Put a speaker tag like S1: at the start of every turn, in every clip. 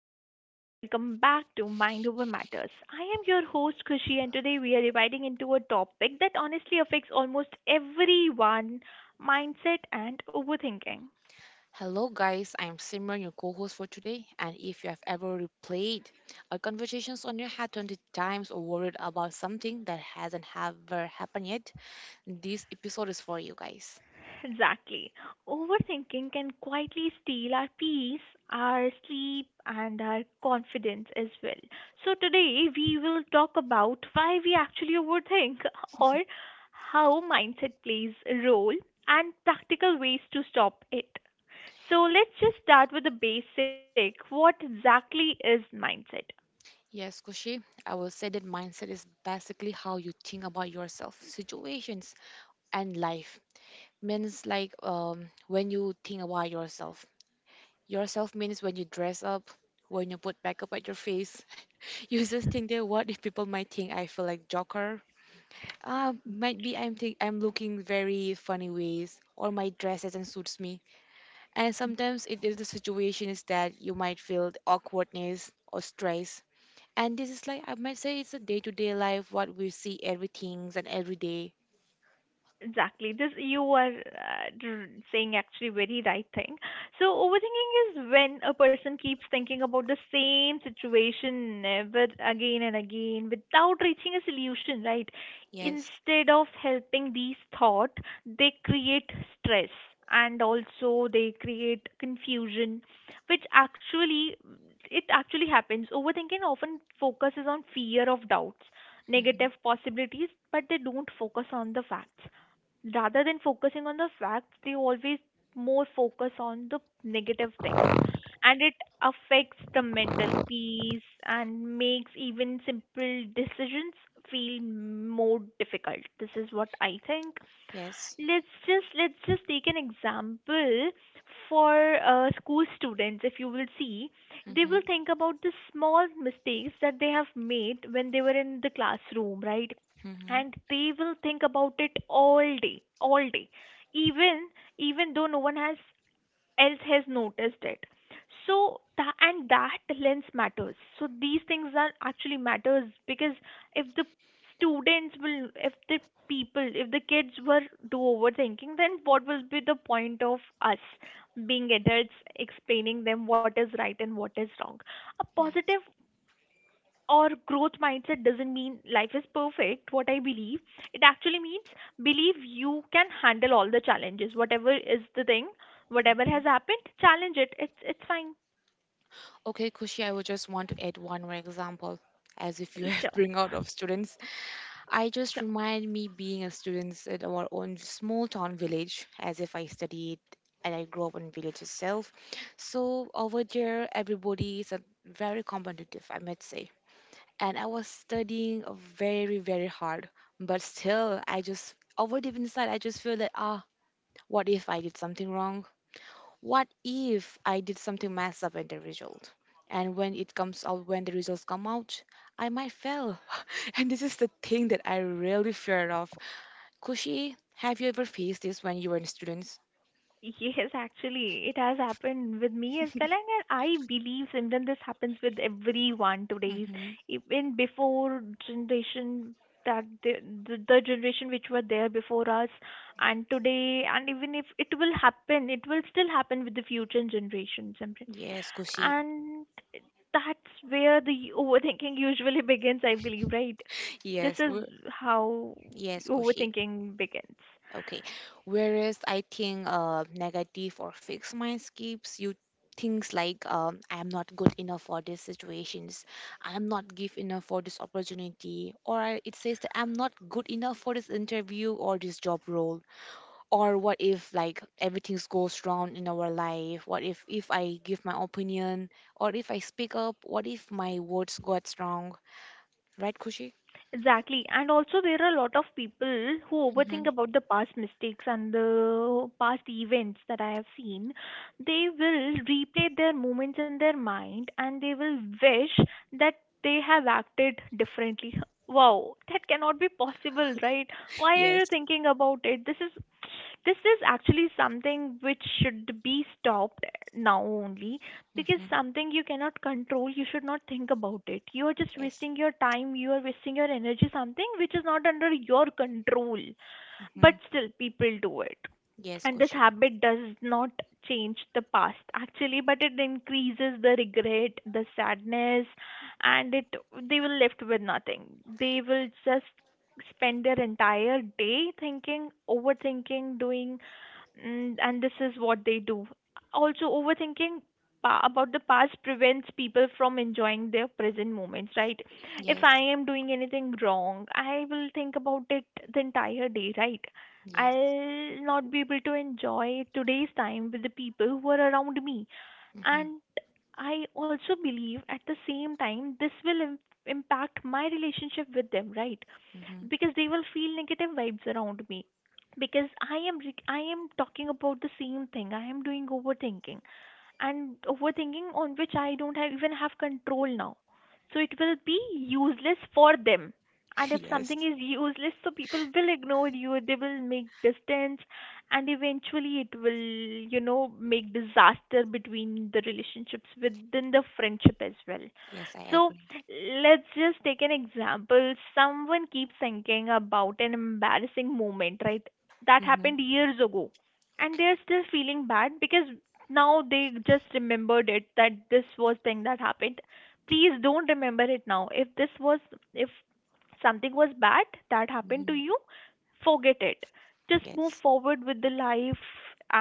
S1: everyone, and welcome back to Mind Over Matters. I am your host, Kushi, and today we are dividing into a topic that honestly affects almost everyone mindset and overthinking.
S2: Hello, guys. I'm Simran, your co host for today. And if you have ever replayed our conversations on your head 20 times or worried about something that hasn't ever happened yet, this episode is for you guys.
S1: Exactly. Overthinking can quietly steal our peace, our sleep, and our confidence as well. So, today we will talk about why we actually overthink or how mindset plays a role and practical ways to stop it. So let's just start with the basic. What exactly is mindset?
S2: Yes, Kushi, I will say that mindset is basically how you think about yourself, situations, and life. Means like when you think about yourself. Yourself means when you dress up, when you put makeup at your face. You just think that what if people might think I feel like Joker. Might be I'm looking very funny ways, or my dress doesn't suits me. And sometimes it is the situation is that you might feel the awkwardness or stress. And this is like I might say it's a day-to-day life what we see everything's and every day.
S1: Exactly. This you are saying actually very right thing. So overthinking is when a person keeps thinking about the same situation never again and again without reaching a solution, right?
S2: Yes.
S1: Instead of helping these thought, they create stress and also they create confusion, which actually it actually happens. Overthinking often focuses on fear of doubts,
S2: Hmm.
S1: negative possibilities, but they don't focus on the facts, rather than focusing on the facts they always more focus on the negative things and it affects the mental peace and makes even simple decisions feel more difficult. This is what I think.
S2: Yes.
S1: Let's just take an example for school students. If you will see, they
S2: Hmm.
S1: will think about the small mistakes that they have made when they were in the classroom, right?
S2: Hmm.
S1: And they will think about it all day, all day. Even even though no one has else has noticed it. So that and that lens matters, so these things are actually matters because if the students will, if the people, if the kids were do overthinking, then what will be the point of us being adults explaining them what is right and what is wrong. A
S2: Yes.
S1: positive or growth mindset doesn't mean life is perfect, what I believe. It actually means believe you can handle all the challenges, whatever is the thing, whatever
S2: Mm-hmm.
S1: has happened, challenge it, it's fine.
S2: Okay, Kushi, I would just want to add one more example as if you have
S1: Sure.
S2: bring out of students. I just
S1: Sure.
S2: remind me being a student at our own small town village, as if I studied and I grew up in village itself. So over there, everybody is a very competitive, I might say. And I was studying very, very hard, but still, I just over deep inside, I just feel that what if I did something wrong? What if I did something mess up in the result? And when it comes out, when the results come out, I might fail. And this is the thing that I really fear of. Kushi, have you ever faced this when you were in students?
S1: Yes, actually, it has happened with me as well, and I believe, Simran, this happens with everyone today's,
S2: Mm-hmm.
S1: even before generation, that the generation which were there before us, and today, and even if it will happen, it will still happen with the future generation, Simran,
S2: Yes, Kushi.
S1: and that's where the overthinking usually begins, I believe, right? This
S2: Yes.
S1: is
S2: we're-
S1: how
S2: Yes, Kushi.
S1: overthinking begins.
S2: Okay. Whereas I think negative or fixed mindscapes you things like I'm not good enough for these situations, I'm not give enough for this opportunity, or it says that I'm not good enough for this interview or this job role. Or what if like everything goes wrong in our life? What if I give my opinion, or if I speak up, what if my words got wrong, right, Kushi?
S1: Exactly. And also, there are a lot of people who overthink
S2: Mm-hmm.
S1: about the past mistakes and the past events that I have seen. They will replay their moments in their mind and they will wish that they have acted differently. Wow, that cannot be possible, right? Why are you
S2: Yes.
S1: thinking about it? This is, this is actually something which should be stopped now only, because
S2: Mm-hmm.
S1: something you cannot control you should not think about it. You are just
S2: Yes.
S1: wasting your time, you are wasting your energy, something which is not under your control.
S2: Mm-hmm.
S1: But still people do it,
S2: Yes,
S1: and this
S2: Kushi.
S1: habit does not change the past actually, but it increases the regret, the sadness, and it, they will left with nothing. They will just spend their entire day thinking, overthinking, doing. Mm, and this is what they do. Also, overthinking about the past prevents people from enjoying their present moments, right? If I
S2: Yes.
S1: am doing anything wrong, I will think about it the entire day, right?
S2: Yes.
S1: I'll not be able to enjoy today's time with the people who are around me.
S2: Mm-hmm.
S1: And I also believe at the same time, this will impact my relationship with them, right?
S2: Mm-hmm.
S1: Because they will feel negative vibes around me because I am talking about the same thing, I am doing overthinking, and overthinking on which I don't have, even have control now. So it will be useless for them. And if something
S2: Yes.
S1: is useless, so people will ignore you, they will make distance, and eventually it will, you know, make disaster between the relationships within the friendship as well.
S2: Yes, I
S1: So
S2: agree.
S1: let's just take an example. Someone keeps thinking about an embarrassing moment, right? That
S2: Mm-hmm.
S1: happened years ago and they're
S2: Okay.
S1: still feeling bad because now they just remembered it that this was thing that happened. Please don't remember it now. If this was, if something was bad that happened
S2: Mm-hmm.
S1: to you, forget it, just move
S2: Yes.
S1: forward with the life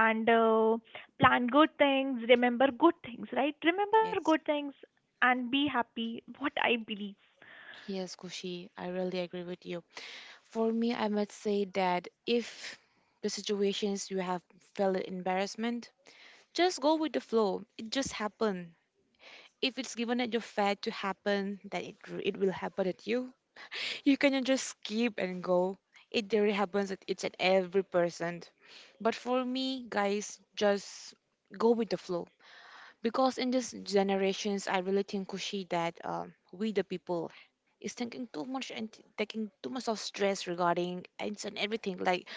S1: and plan good things, remember good things, right? Remember good
S2: Yes.
S1: things and be happy, what I believe.
S2: Yes, Kushi, I really agree with you. For me, I must say that if the situations you have felt embarrassment, just go with the flow. It just happened. If it's given at your fate to happen, then it will happen at you. You cannot just skip and go. It really happens. At, it's at every person. But for me, guys, just go with the flow. Because in these generations, I really think, Kushi, that we the people is thinking too much and taking too much of stress regarding and everything, like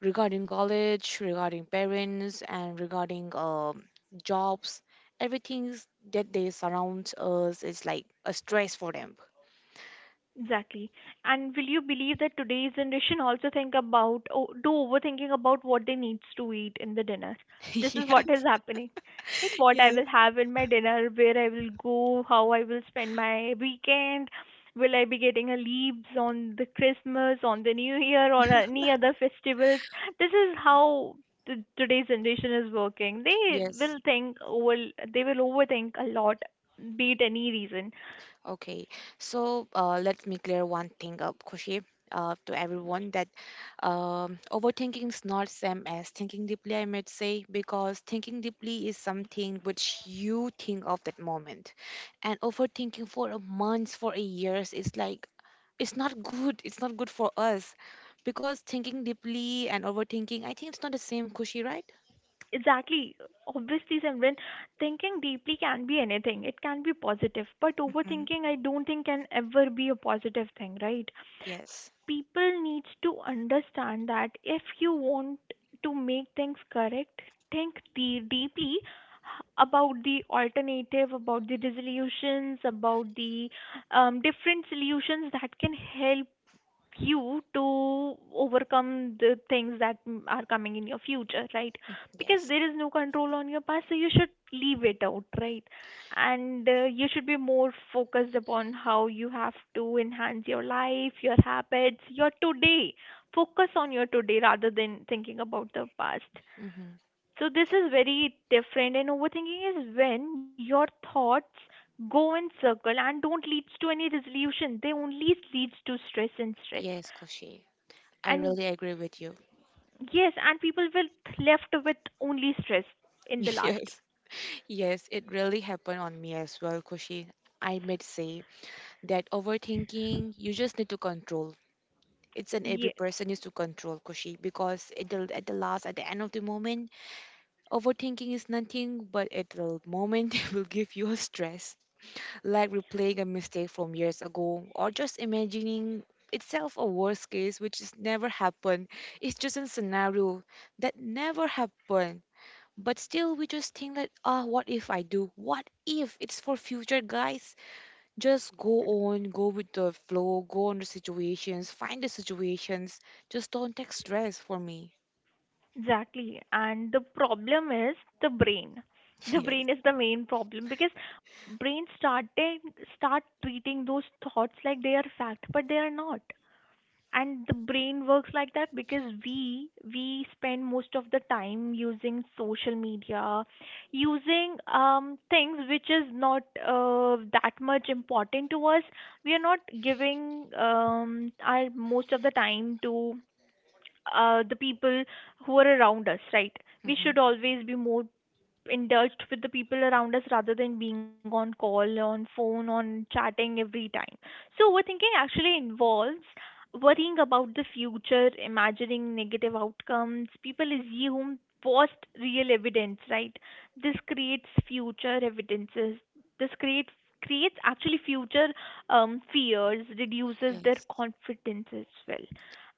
S2: regarding college, regarding parents, and regarding jobs. Everything that they surround us is like a stress for them.
S1: Exactly. And will you believe that today's generation also think about o do overthinking about what they needs to eat in the dinner? This is
S2: Yeah.
S1: what is happening. Right? What I
S2: Yes.
S1: will have in my dinner, where I will go, how I will spend my weekend, will I be getting a leaves on the Christmas, on the New Year, or any other festivals? This is how the today's generation is working. They
S2: Yes.
S1: will think over, they will overthink a lot, be it any reason.
S2: Okay, so let me clear one thing up, Kushi, to everyone that overthinking is not same as thinking deeply, I might say, because thinking deeply is something which you think of that moment, and overthinking for a month, for a years is like it's not good. It's not good for us, because thinking deeply and overthinking, I think it's not the same, Kushi, right?
S1: Exactly. Obviously, Simran, thinking deeply can be anything. It can be positive, but
S2: Hmm.
S1: overthinking, I don't think, can ever be a positive thing, right?
S2: Yes.
S1: People needs to understand that if you want to make things correct, think deeply about the alternative, about the resolutions, about the different solutions that can help you to overcome the things that mm, are coming in your future, right? Because
S2: Yes.
S1: there is no control on your past, so you should leave it out, right? And you should be more focused upon how you have to enhance your life, your habits, your today. Focus on your today rather than thinking about the past.
S2: Hmm.
S1: So, this is very different, and overthinking is when your thoughts go in circle and don't leads to any resolution. They only leads to stress and stress.
S2: Yes, Kushi. I
S1: And
S2: really agree with you.
S1: yes, and people will left with only stress in the last.
S2: Yes. Yes, it really happened on me as well, Kushi. I might say that overthinking, you just need to control. It's an every
S1: Yes,
S2: person needs to control, Kushi, because it will at the last, at the end of the moment, overthinking is nothing but at the moment it will give you a stress, like replaying a mistake from years ago, or just imagining itself a worst case which is never happened. It's just a scenario that never happened, but still, we just think that, what if I do? What if it's for future, guys? Just go on, go with the flow, go on the situations, find the situations. Just don't take stress for me.
S1: exactly. And the problem is the brain. The
S2: Yes.
S1: brain is the main problem because brain started start treating those thoughts like they are fact, but they are not. And the brain works like that because we spend most of the time using social media, using things which is not that much important to us. We are not giving our most of the time to the people who are around us, right? We
S2: Hmm.
S1: should always be more in with the people around us rather than being on call, on phone, on chatting every time. So, overthinking actually involves worrying about the future, imagining negative outcomes. People assume past real evidence, right? This creates future evidences. This creates actually future fears, reduces their
S2: Yes.
S1: confidence as well.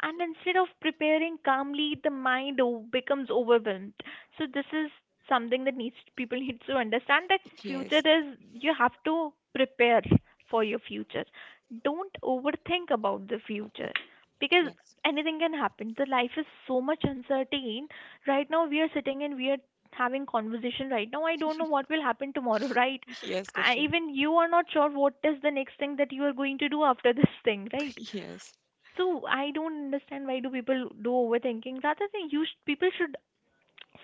S1: And instead of preparing calmly, the mind becomes overwhelmed. So this is something that needs people need to understand that future
S2: Yes.
S1: is you have to prepare for your future. Don't overthink about the future because
S2: Yes.
S1: anything can happen. The life is so much uncertain. Right now we are sitting and we are having conversation right now. I don't know what will happen tomorrow, right?
S2: Yes,
S1: I,
S2: Koshi.
S1: even you are not sure what is the next thing that you are going to do after this thing, right?
S2: Yes.
S1: So I don't understand why do people do overthinking rather than people should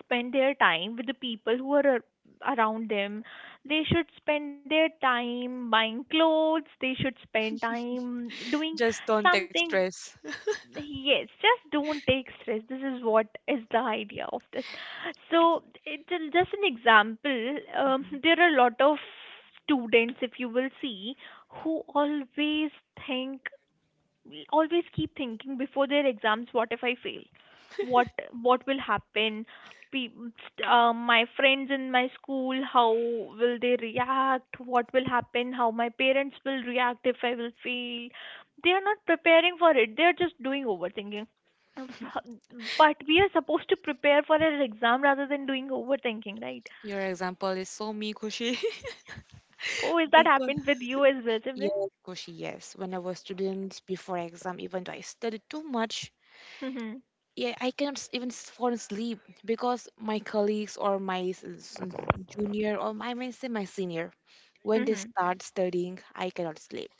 S1: spend their time with the people who are around them. They should spend their time buying clothes. They should spend time doing
S2: Just don't take
S1: something.
S2: stress.
S1: Yes, just don't take stress. This is what is the idea of this. So, it's just an example.
S2: Mhm.
S1: There are a lot of students, if you will see, who always think, we always keep thinking before their exams, what if I fail, what what will happen? My friends in my school, how will they react, what will happen, how my parents will react if I will fail? They are not preparing for it, they are just doing overthinking. But we are supposed to prepare for an exam rather than doing overthinking, right?
S2: Your example is so me, Koshi.
S1: Oh, is that
S2: Because
S1: happened with you as well, Simran?
S2: yes, Koshi, yes. When I was student before exam, even though I studied too much,
S1: Mhm.
S2: yeah, I cannot even fall asleep because my colleagues or my junior, or my, I may say, my senior, when they
S1: Mhm.
S2: start studying I cannot sleep.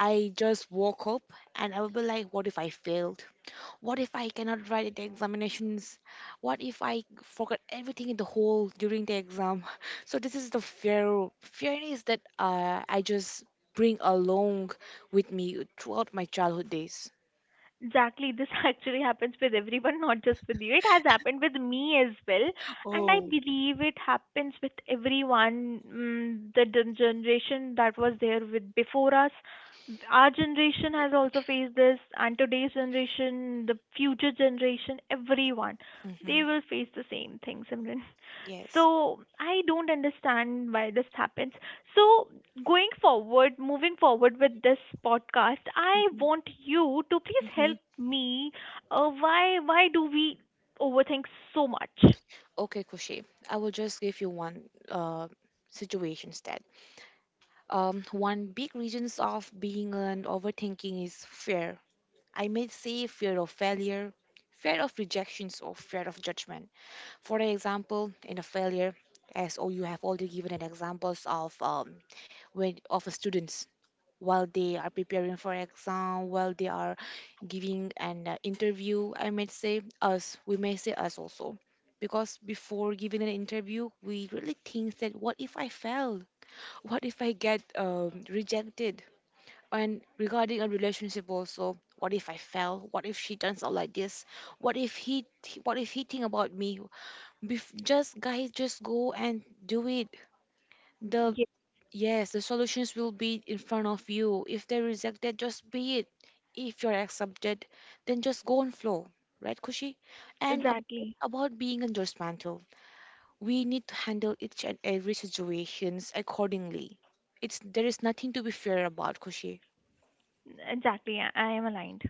S2: I just woke up and I will be like, what if I failed? What if I cannot write the examinations? What if I forgot everything in the whole during the exam? So this is the fear. Fear is that I just bring along with me throughout my childhood days.
S1: Exactly, this actually happens with everyone, not just with you. It has happened with me as well, and I
S2: Oh.
S1: believe it happens with everyone. Mm, the generation that was there with before us, our generation has also faced this, and today's generation, the future generation, everyone, they
S2: Hmm.
S1: will face the same thing, Simran.
S2: Yes.
S1: So I don't understand why this happens. So, going forward, moving forward with this podcast, I
S2: Mm-hmm.
S1: want you to please help me. Why do we overthink so much?
S2: Okay, Kushi, I will just give you one uh, situation instead. One big reasons of being an overthinking is fear. I may say fear of failure, fear of rejections, or fear of judgment. For example, in a failure, as oh, you have already given an examples of when of a student, while they are preparing for exam, while they are giving an interview, I might say us, we may say us also, because before giving an interview we really think that what if I fail, what if I get rejected. And regarding a relationship also, what if I fail, what if she turns out like this, what if he, what if he think about me? Just guys just go and do it. The
S1: Yes,
S2: yes, the solutions will be in front of you. If they reject it, just be it. If you're accepted, then just go and flow. Right, Kushi? And
S1: exactly.
S2: about being a judgmental, we need to handle each and every situations accordingly. It's there is nothing to be fear about, Kushi.
S1: Exactly, I am aligned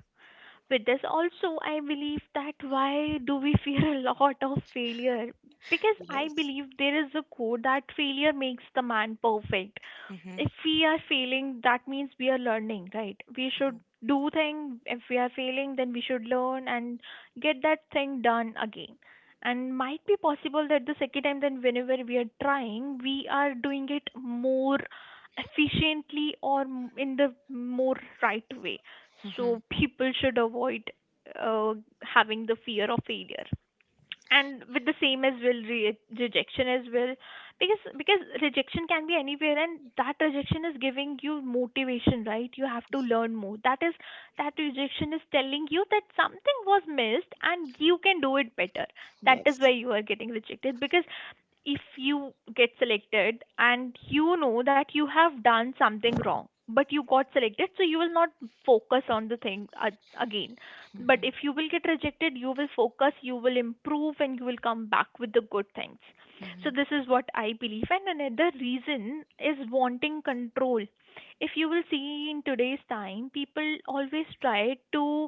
S1: with this. Also, I believe that why do we fear a lot of failure? Because I
S2: Yes.
S1: believe there is a quote that failure makes the man perfect.
S2: Mm-hmm.
S1: If we are failing, that means we are learning, right? We should do thing. If we are failing, then we should learn and get that thing done again. And might be possible that the second time, then whenever we are trying, we are doing it more efficiently or in the more right way,
S2: Mm-hmm.
S1: so people should avoid uh, having the fear of failure, and with the same as well, rejection as well, because rejection can be anywhere, and that rejection is giving you motivation, right? You have to learn more. That is, that rejection is telling you that something was missed and you can do it better. That is
S2: Yes.
S1: why you are getting rejected, because if you get selected and you know that you have done something wrong but you got selected, so you will not focus on the thing again. But
S2: Mm-hmm.
S1: if you will get rejected, you will focus, you will improve, and you will come back with the good things. So
S2: Mm-hmm.
S1: this is what I believe. And another reason is wanting control. If you will see, in today's time people always try to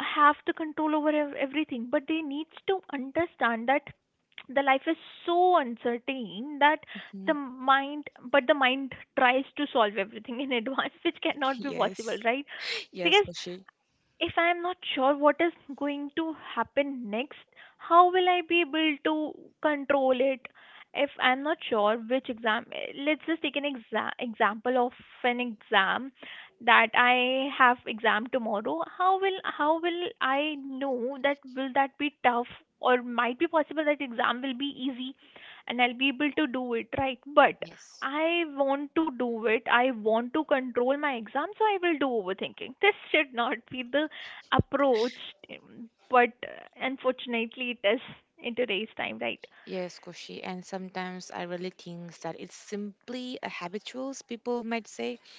S1: have the control over everything, but they needs to understand that the life is so uncertain that the mind the mind tries to solve everything in advance, which cannot be possible,
S2: Yes.
S1: right?
S2: Yes,
S1: Because
S2: Kushi.
S1: if I am not sure what is going to happen next, how will I be able to control it? If I'm not sure which exam, let's just take an example of an exam that I have exam tomorrow. How will I know that will that be tough, or might be possible that exam will be easy and I'll be able to do it, right? But
S2: Yes.
S1: I want to do it. I want to control my exam, so I will do overthinking. This should not be the approached him, but unfortunately it is in today's time, right?
S2: Yes, Koshi. And sometimes I really think that it's simply a habituals, people might say,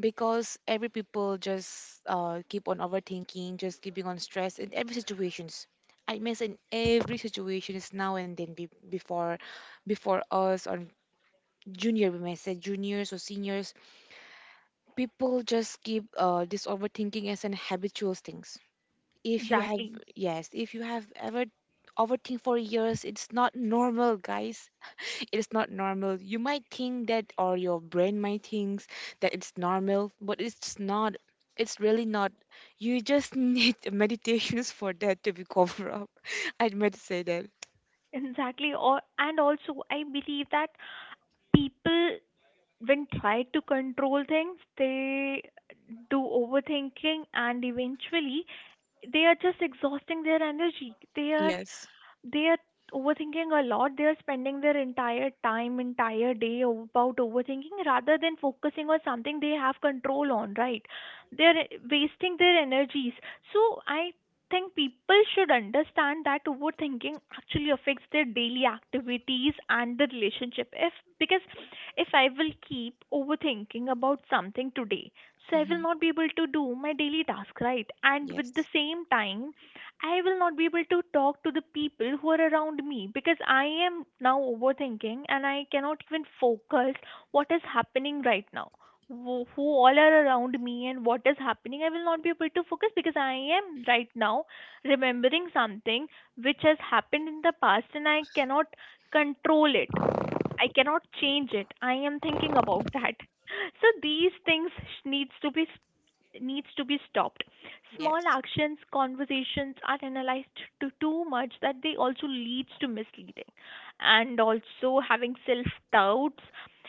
S2: because every people just keep on overthinking, just keeping on stress in every situations. I mean, in every situation is now and then before, before us or junior, we may say juniors or seniors, people just keep this overthinking as an habitual things. If you have,
S1: exactly
S2: yes, if you have ever overthink for years, it's not normal, guys. It is not normal. You might think that, or your brain might thinks that it's normal, but it's just not. It's really not. You just need meditations for that to be covered up. I meant to say that.
S1: exactly or, and also I believe that people, when try to control things, they do overthinking, and eventually they are just exhausting their energy. They are,
S2: Yes.
S1: they are overthinking a lot. They are spending their entire time, entire day about overthinking rather than focusing on something they have control on, right? They're wasting their energies. So I think people should understand that overthinking actually affects their daily activities and the relationship, if, because if I will keep overthinking about something today, so I will
S2: Hmm.
S1: not be able to do my daily task, right? And with
S2: Yes.
S1: the same time, I will not be able to talk to the people who are around me because I am now overthinking and I cannot even focus what is happening right now. Who all are around me and what is happening, I will not be able to focus because I am right now remembering something which has happened in the past and I cannot control it. I cannot change it. I am thinking about that. So these things needs to be, needs to be stopped. Small
S2: Yes.
S1: actions, conversations are analyzed to too much that they also leads to misleading and also having self doubts.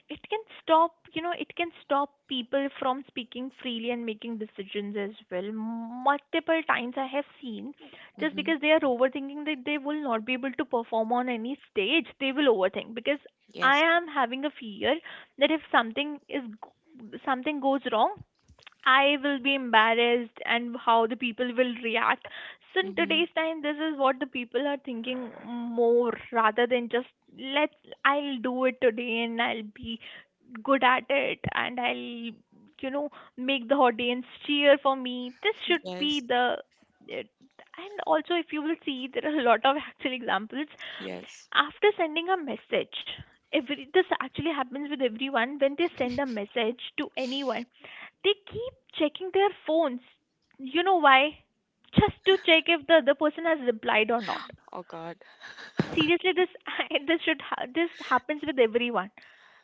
S1: It can stop, you know, it can stop people from speaking freely and making decisions as well. Multiple times I have seen, just
S2: Hmm.
S1: because they are overthinking, that they will not be able to perform on any stage. They will overthink because I
S2: Yes.
S1: am having a fear that if something is, something goes wrong, I will be embarrassed and how the people will react. So in
S2: Hmm.
S1: today's time, this is what the people are thinking more, rather than just let's, I'll do it today and I'll be good at it, and I'll, you know, make the audience cheer for me. This should be
S2: Yes.
S1: the, it, and also if you will see, there are a lot of actual examples.
S2: Yes.
S1: After sending a message, every, this actually happens with everyone. When they send a message to anyone, they keep checking their phones, you know why? Just to check if the other person has replied or not.
S2: Oh God.
S1: Seriously, this this this happens with everyone.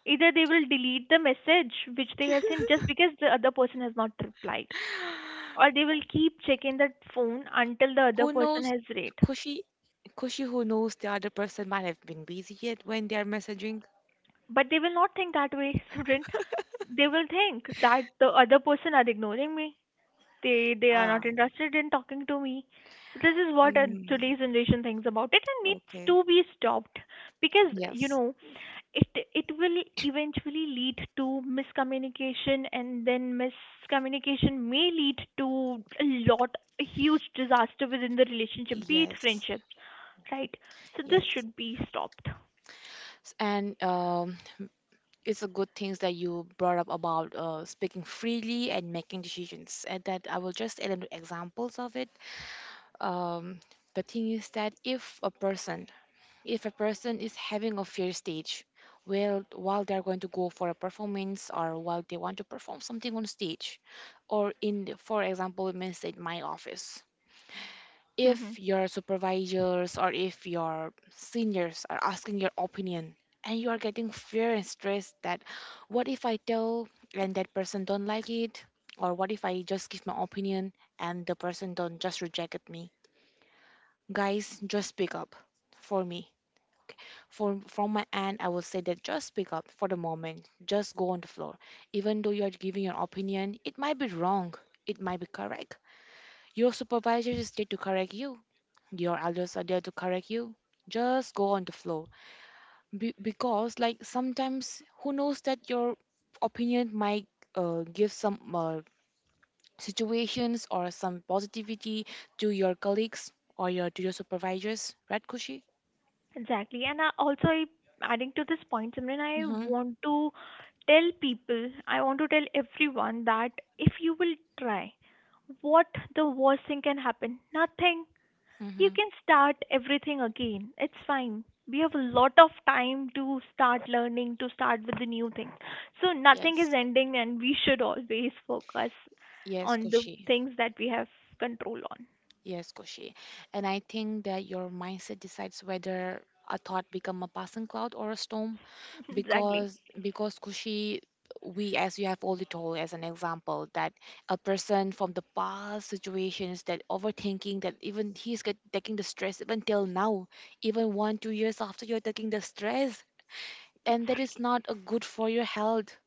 S1: Either they will delete the message which they have sent just because the other person has not replied, or they will keep checking that phone until
S2: Who
S1: the other
S2: knows?
S1: person has read.
S2: Kushi, Kushi, who knows, the other person might have been busy yet when they are messaging.
S1: But they will not think that way, Surin. They will think that the other person are ignoring me, they are not
S2: Ah.
S1: interested in talking to me. So this is what
S2: Um,
S1: today's generation thinks about it, and needs
S2: okay.
S1: to be stopped. Because, you
S2: Yes.
S1: know, it will eventually lead to miscommunication, and then miscommunication may lead to a lot, a huge disaster within the relationship, be it
S2: Yes,
S1: friendships, right? So this
S2: yes.
S1: should be stopped.
S2: And it's a good things that you brought up about speaking freely and making decisions. And that I will just add an examples of it. Um, the thing is that if a person is having a fear stage, well, while they're going to go for a performance or while they want to perform something on stage, or in, for example, it means in my office,
S1: Mm-hmm.
S2: if your supervisors or if your seniors are asking your opinion, and you are getting fear and stress that, what if I tell and that person don't like it, or what if I just give my opinion and the person don't just reject at me? Guys, just speak up for me. For from my end, I will say that just speak up for the moment, just go on the floor. Even though you are giving your opinion, it might be wrong, it might be correct. Your supervisor is there to correct you, your elders are there to correct you. Just go on the flow. Because like sometimes who knows that your opinion might give some situations or some positivity to your colleagues or your to your supervisors, right, Kushi?
S1: Exactly. And I also, I, adding to this point, Simran, I
S2: Mm-hmm.
S1: want to tell people, I want to tell everyone that if you will try, what the worst thing can happen? Nothing. You
S2: Mm-hmm.
S1: can start everything again. It's fine. We have a lot of time to start learning, to start with the new things. So nothing is
S2: Yes.
S1: ending, and we should always focus
S2: Yes,
S1: on the
S2: Kushi.
S1: things that we have control on.
S2: Yes, Kushi. And I think that your mindset decides whether a thought become a passing cloud or a storm.
S1: Exactly.
S2: Because Kushi, we as you have already told as an example that a person from the past situations that overthinking, that even he's get, taking the stress even till now, even 1 2 years after you're taking the stress, and that is not a good for your health,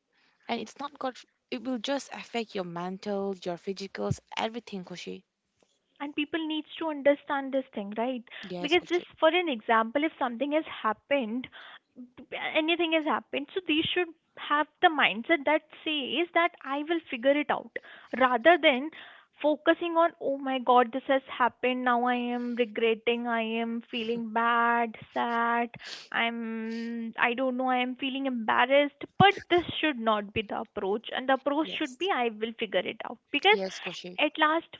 S2: and it's not good, it will just affect your mental, your physicals, everything, Kushi.
S1: And people needs to understand this thing, right?
S2: Yes,
S1: Because just
S2: Kushi.
S1: for an example, if something has happened, anything has happened, so they should have the mindset that says that I will figure it out, rather than focusing on, oh my god, this has happened, now I am regretting, I am feeling bad, sad, I don't know, I am feeling embarrassed, but this should not be the approach, and the approach should
S2: Yes.
S1: be, I will figure it out. Because
S2: Yes, Koshi.
S1: at last,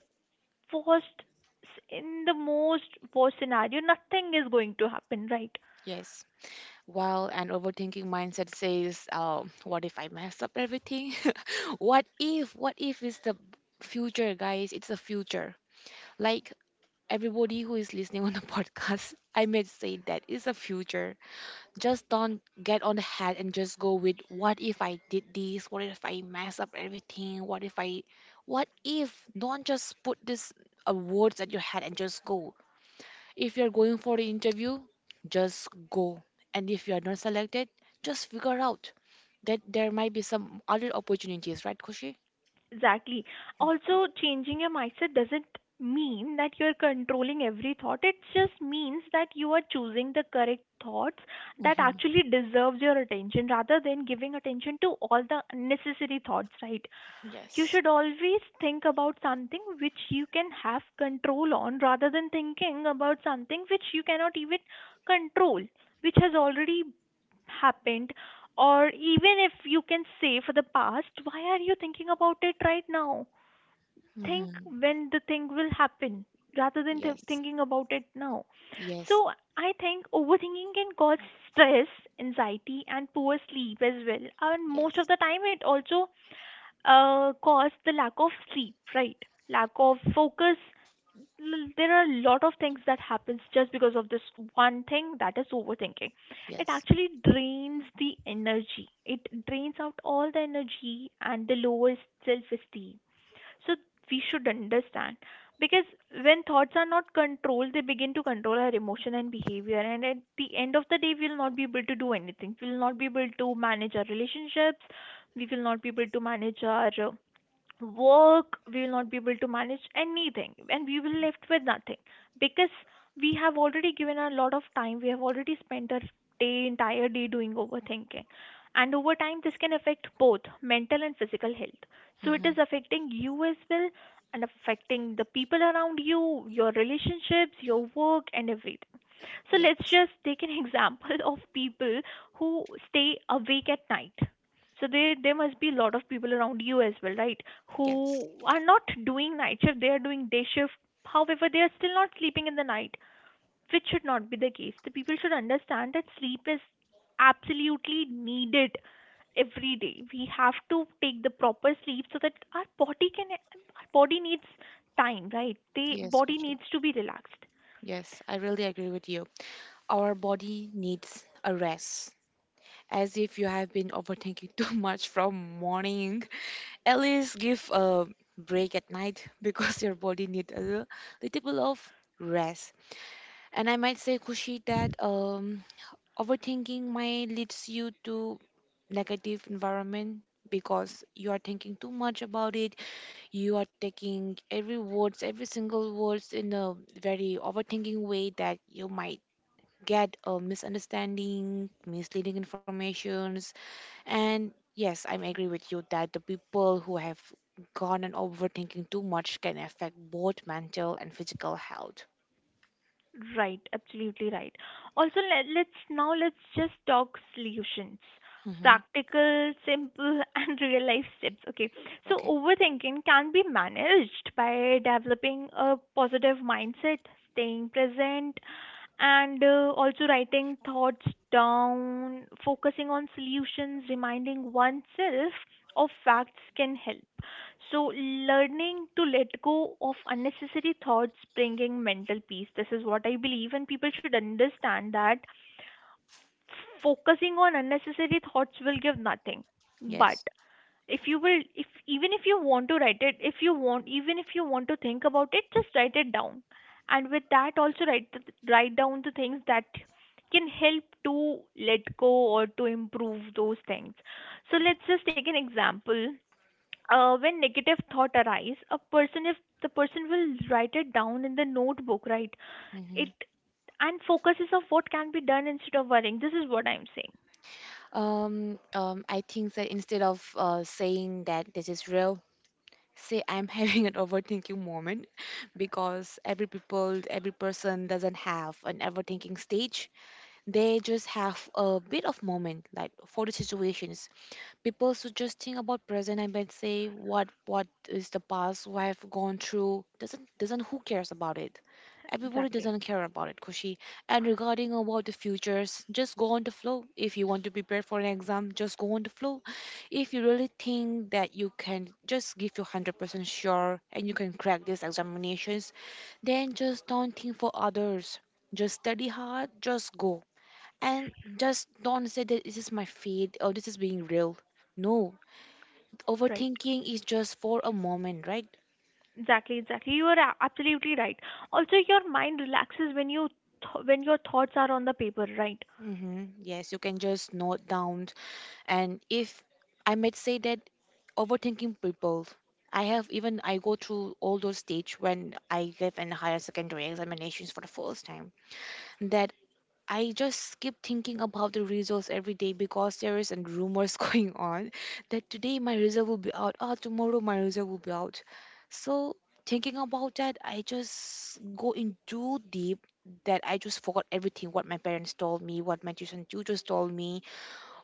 S1: worst, in the most worst scenario, nothing is going to happen, right?
S2: Yes. Well, an overthinking mindset says, what if I mess up everything? What if is the future, guys? It's the future. Like everybody who is listening on the podcast, I may say that it's the future. Just don't get on the head and just go with what if I did this? What if I mess up everything? What if? Don't just put this words at your head and just go. If you're going for the interview, just go. And if you are not selected, just figure out that there might be some other opportunities, right, Kushi?
S1: Exactly. Also, changing your mindset doesn't mean that you're controlling every thought. It just means that you are choosing the correct thoughts that actually deserves your attention, rather than giving attention to all the unnecessary thoughts, right? You
S2: Yes.
S1: should always think about something which you can have control on, rather than thinking about something which you cannot even control, which has already happened. Or even if you can say for the past, why are you thinking about it right now? Think
S2: Mm-hmm.
S1: when the thing will happen rather than
S2: Yes.
S1: thinking about it now.
S2: Yes.
S1: So I think overthinking can cause stress, anxiety, and poor sleep as well. And most of
S2: Yes.
S1: the time, it also cause the lack of sleep, right? Lack of focus. There are a lot of things that happens just because of this one thing, that is overthinking. It
S2: Yes.
S1: actually drains the energy. It drains out all the energy and the lowers self-esteem. So we should understand, because when thoughts are not controlled, they begin to control our emotion and behavior. And at the end of the day, we will not be able to do anything. We will not be able to manage our relationships. We will not be able to manage our work. We will not be able to manage anything, and we will left with nothing, because we have already given a lot of time, we have already spent our day, entire day doing overthinking. And over time, this can affect both mental and physical health. So it
S2: Mm-hmm.
S1: is affecting you as well, and affecting the people around you, your relationships, your work, and everything. So let's
S2: Yes.
S1: just take an example of people who stay awake at night. So there must be a lot of people around you as well, right?
S2: Yes.
S1: Who are not doing night shift, they are doing day shift. However, they are still not sleeping in the night, which should not be the case. The people should understand that sleep is absolutely needed every day. We have to take the proper sleep so that our body can, our body needs time, right? The
S2: Yes,
S1: body
S2: Kuchu.
S1: needs to be relaxed.
S2: Yes, I really agree with you. Our body needs a rest. As if you have been overthinking too much from morning, at least give a break at night because your body needs a little bit of rest. And I might say, Kushi, that overthinking might leads you to negative environment, because you are thinking too much about it. You are taking every words, every single words in a very overthinking way, that you might get a misunderstanding, misleading informations. And yes, I agree with you that the people who have gone and overthinking too much can affect both mental and physical health.
S1: Right, absolutely right. Also, let, let's now let's just talk solutions.
S2: Hmm,
S1: Practical, simple, and real life tips. Okay, so
S2: okay.
S1: overthinking can be managed by developing a positive mindset, staying present, and also writing thoughts down, focusing on solutions, reminding oneself of facts can help. So, learning to let go of unnecessary thoughts, bringing mental peace. This is what I believe, and people should understand that focusing on unnecessary thoughts will give nothing. But
S2: Yes.
S1: if you will, if even if you want to write it, if you want, even if you want to think about it, just write it down. And with that, also write the, write down the things that can help to let go or to improve those things. So let's just take an example, when negative thought arise, a person, if the person will write it down in the notebook, right?
S2: Hmm.
S1: It, and focuses of what can be done instead of worrying, this is what I'm saying.
S2: I think that instead of saying that this is real, say I'm having an overthinking moment. Because every person doesn't have an overthinking stage. They just have a bit of moment, like for the situations. People should just think about present, and then say what is the past. What I've gone through, doesn't who cares about it. Everybody doesn't
S1: Exactly,
S2: care about it, Kushi. And regarding about the futures, just go on the flow. If you want to prepare for an exam, just go on the flow. If you really think that you can just give your 100% sure and you can crack these examinations, then just don't think for others. Just study hard, just go. And just don't say that this is my fate or this is being real. No,
S1: right.
S2: overthinking is just for a moment, right?
S1: Exactly, you are absolutely right. Also your mind relaxes when you when your thoughts are on the paper, right?
S2: Mm-hmm. Yes, you can just note down. And if I might say that overthinking people, I have even I go through all those stage when I gave an higher secondary examinations for the first time. That I just keep thinking about the results every day, because there is and rumors going on that today my result will be out, oh, tomorrow my result will be out. So thinking about that, I just go in too deep, that I just forgot everything. What my parents told me, what my tuition tutors told me,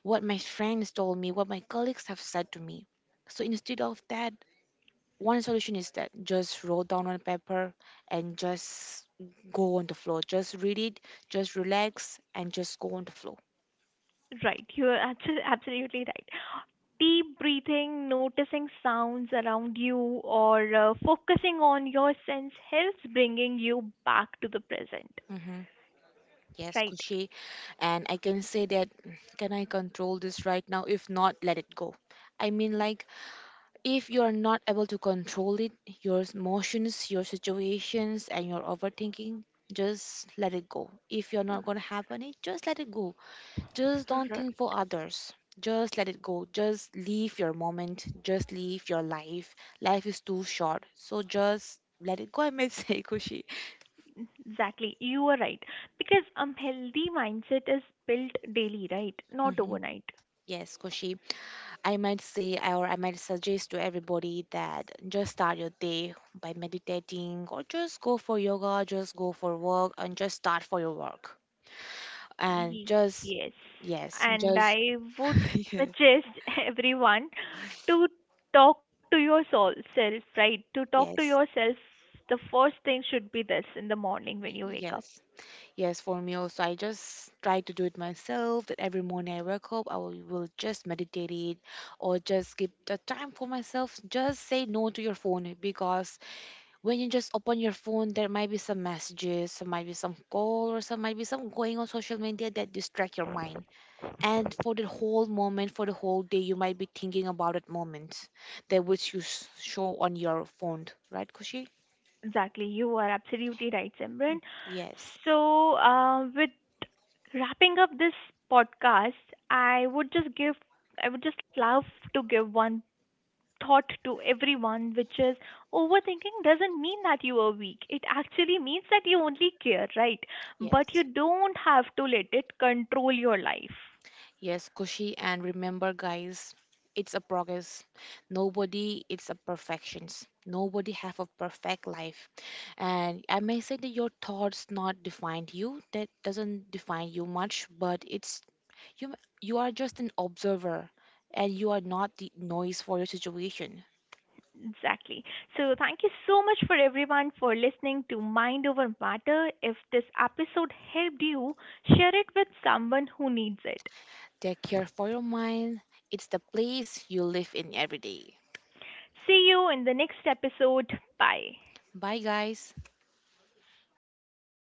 S2: what my friends told me, what my colleagues have said to me. So instead of that, one solution is that just roll down on paper and just go on the floor. Just read it, just relax, and just go on the floor.
S1: Right, you are absolutely right. Deep breathing, noticing sounds around you, or focusing on your sense helps bringing you back to the present,
S2: Hmm. Yes,
S1: right?
S2: Kushi. And I can say that, mm, can I control this right now? If not, let it go. I mean, like, if you are not able to control it, your emotions, your situations, and your overthinking, just let it go. If you're not going to happen it, just let it go. Just don't
S1: R-
S2: think for others. Just let it go. Just live your moment. Just live your life. Life is too short. So just let it go, I might say, Kushi.
S1: Exactly, you are right. Because a healthy mindset is built daily, right? Not
S2: Hmm.
S1: overnight.
S2: Yes, Koshi. I might say or I might suggest to everybody that just start your day by meditating or just go for yoga, just go for work and just start for your work. And
S1: Ye-
S2: just
S1: Yes.
S2: yes,
S1: And
S2: just
S1: I would
S2: yeah,
S1: suggest everyone to talk to your soul self, right? To talk to
S2: yes.
S1: yourself, the first thing should be this in the morning when you wake up.
S2: Yes. Yes, for me also, I just try to do it myself. That every morning I wake up, I will just meditate it or just give the time for myself. Just say no to your phone, because when you just open your phone, there might be some messages, some might be some call, or some might be some going on social media that distract your mind. And for the whole moment, for the whole day, you might be thinking about that moment that which you s- show on your phone, right, Kushi?
S1: Exactly, you are absolutely right, Simran.
S2: Yes,
S1: So, with wrapping up this podcast, I would just give, I would just love to give one thought to everyone, which is, overthinking doesn't mean that you are weak. It actually means that you only care, right? But you
S2: yes.
S1: don't have to let it control your life.
S2: Yes, Kushi, and remember, guys, it's a progress. Nobody it's a perfections. Nobody have a perfect life. And I may say that your thoughts not define you. That doesn't define you much, but it's you. You are just an observer, and you are not the noise for your situation.
S1: Exactly. So, thank you so much for everyone for listening to Mind Over Matter. If this episode helped you, share it with someone who needs it.
S2: Take care for your mind. It's the place you live in every day.
S1: See you in the next episode. Bye.
S2: Bye, guys.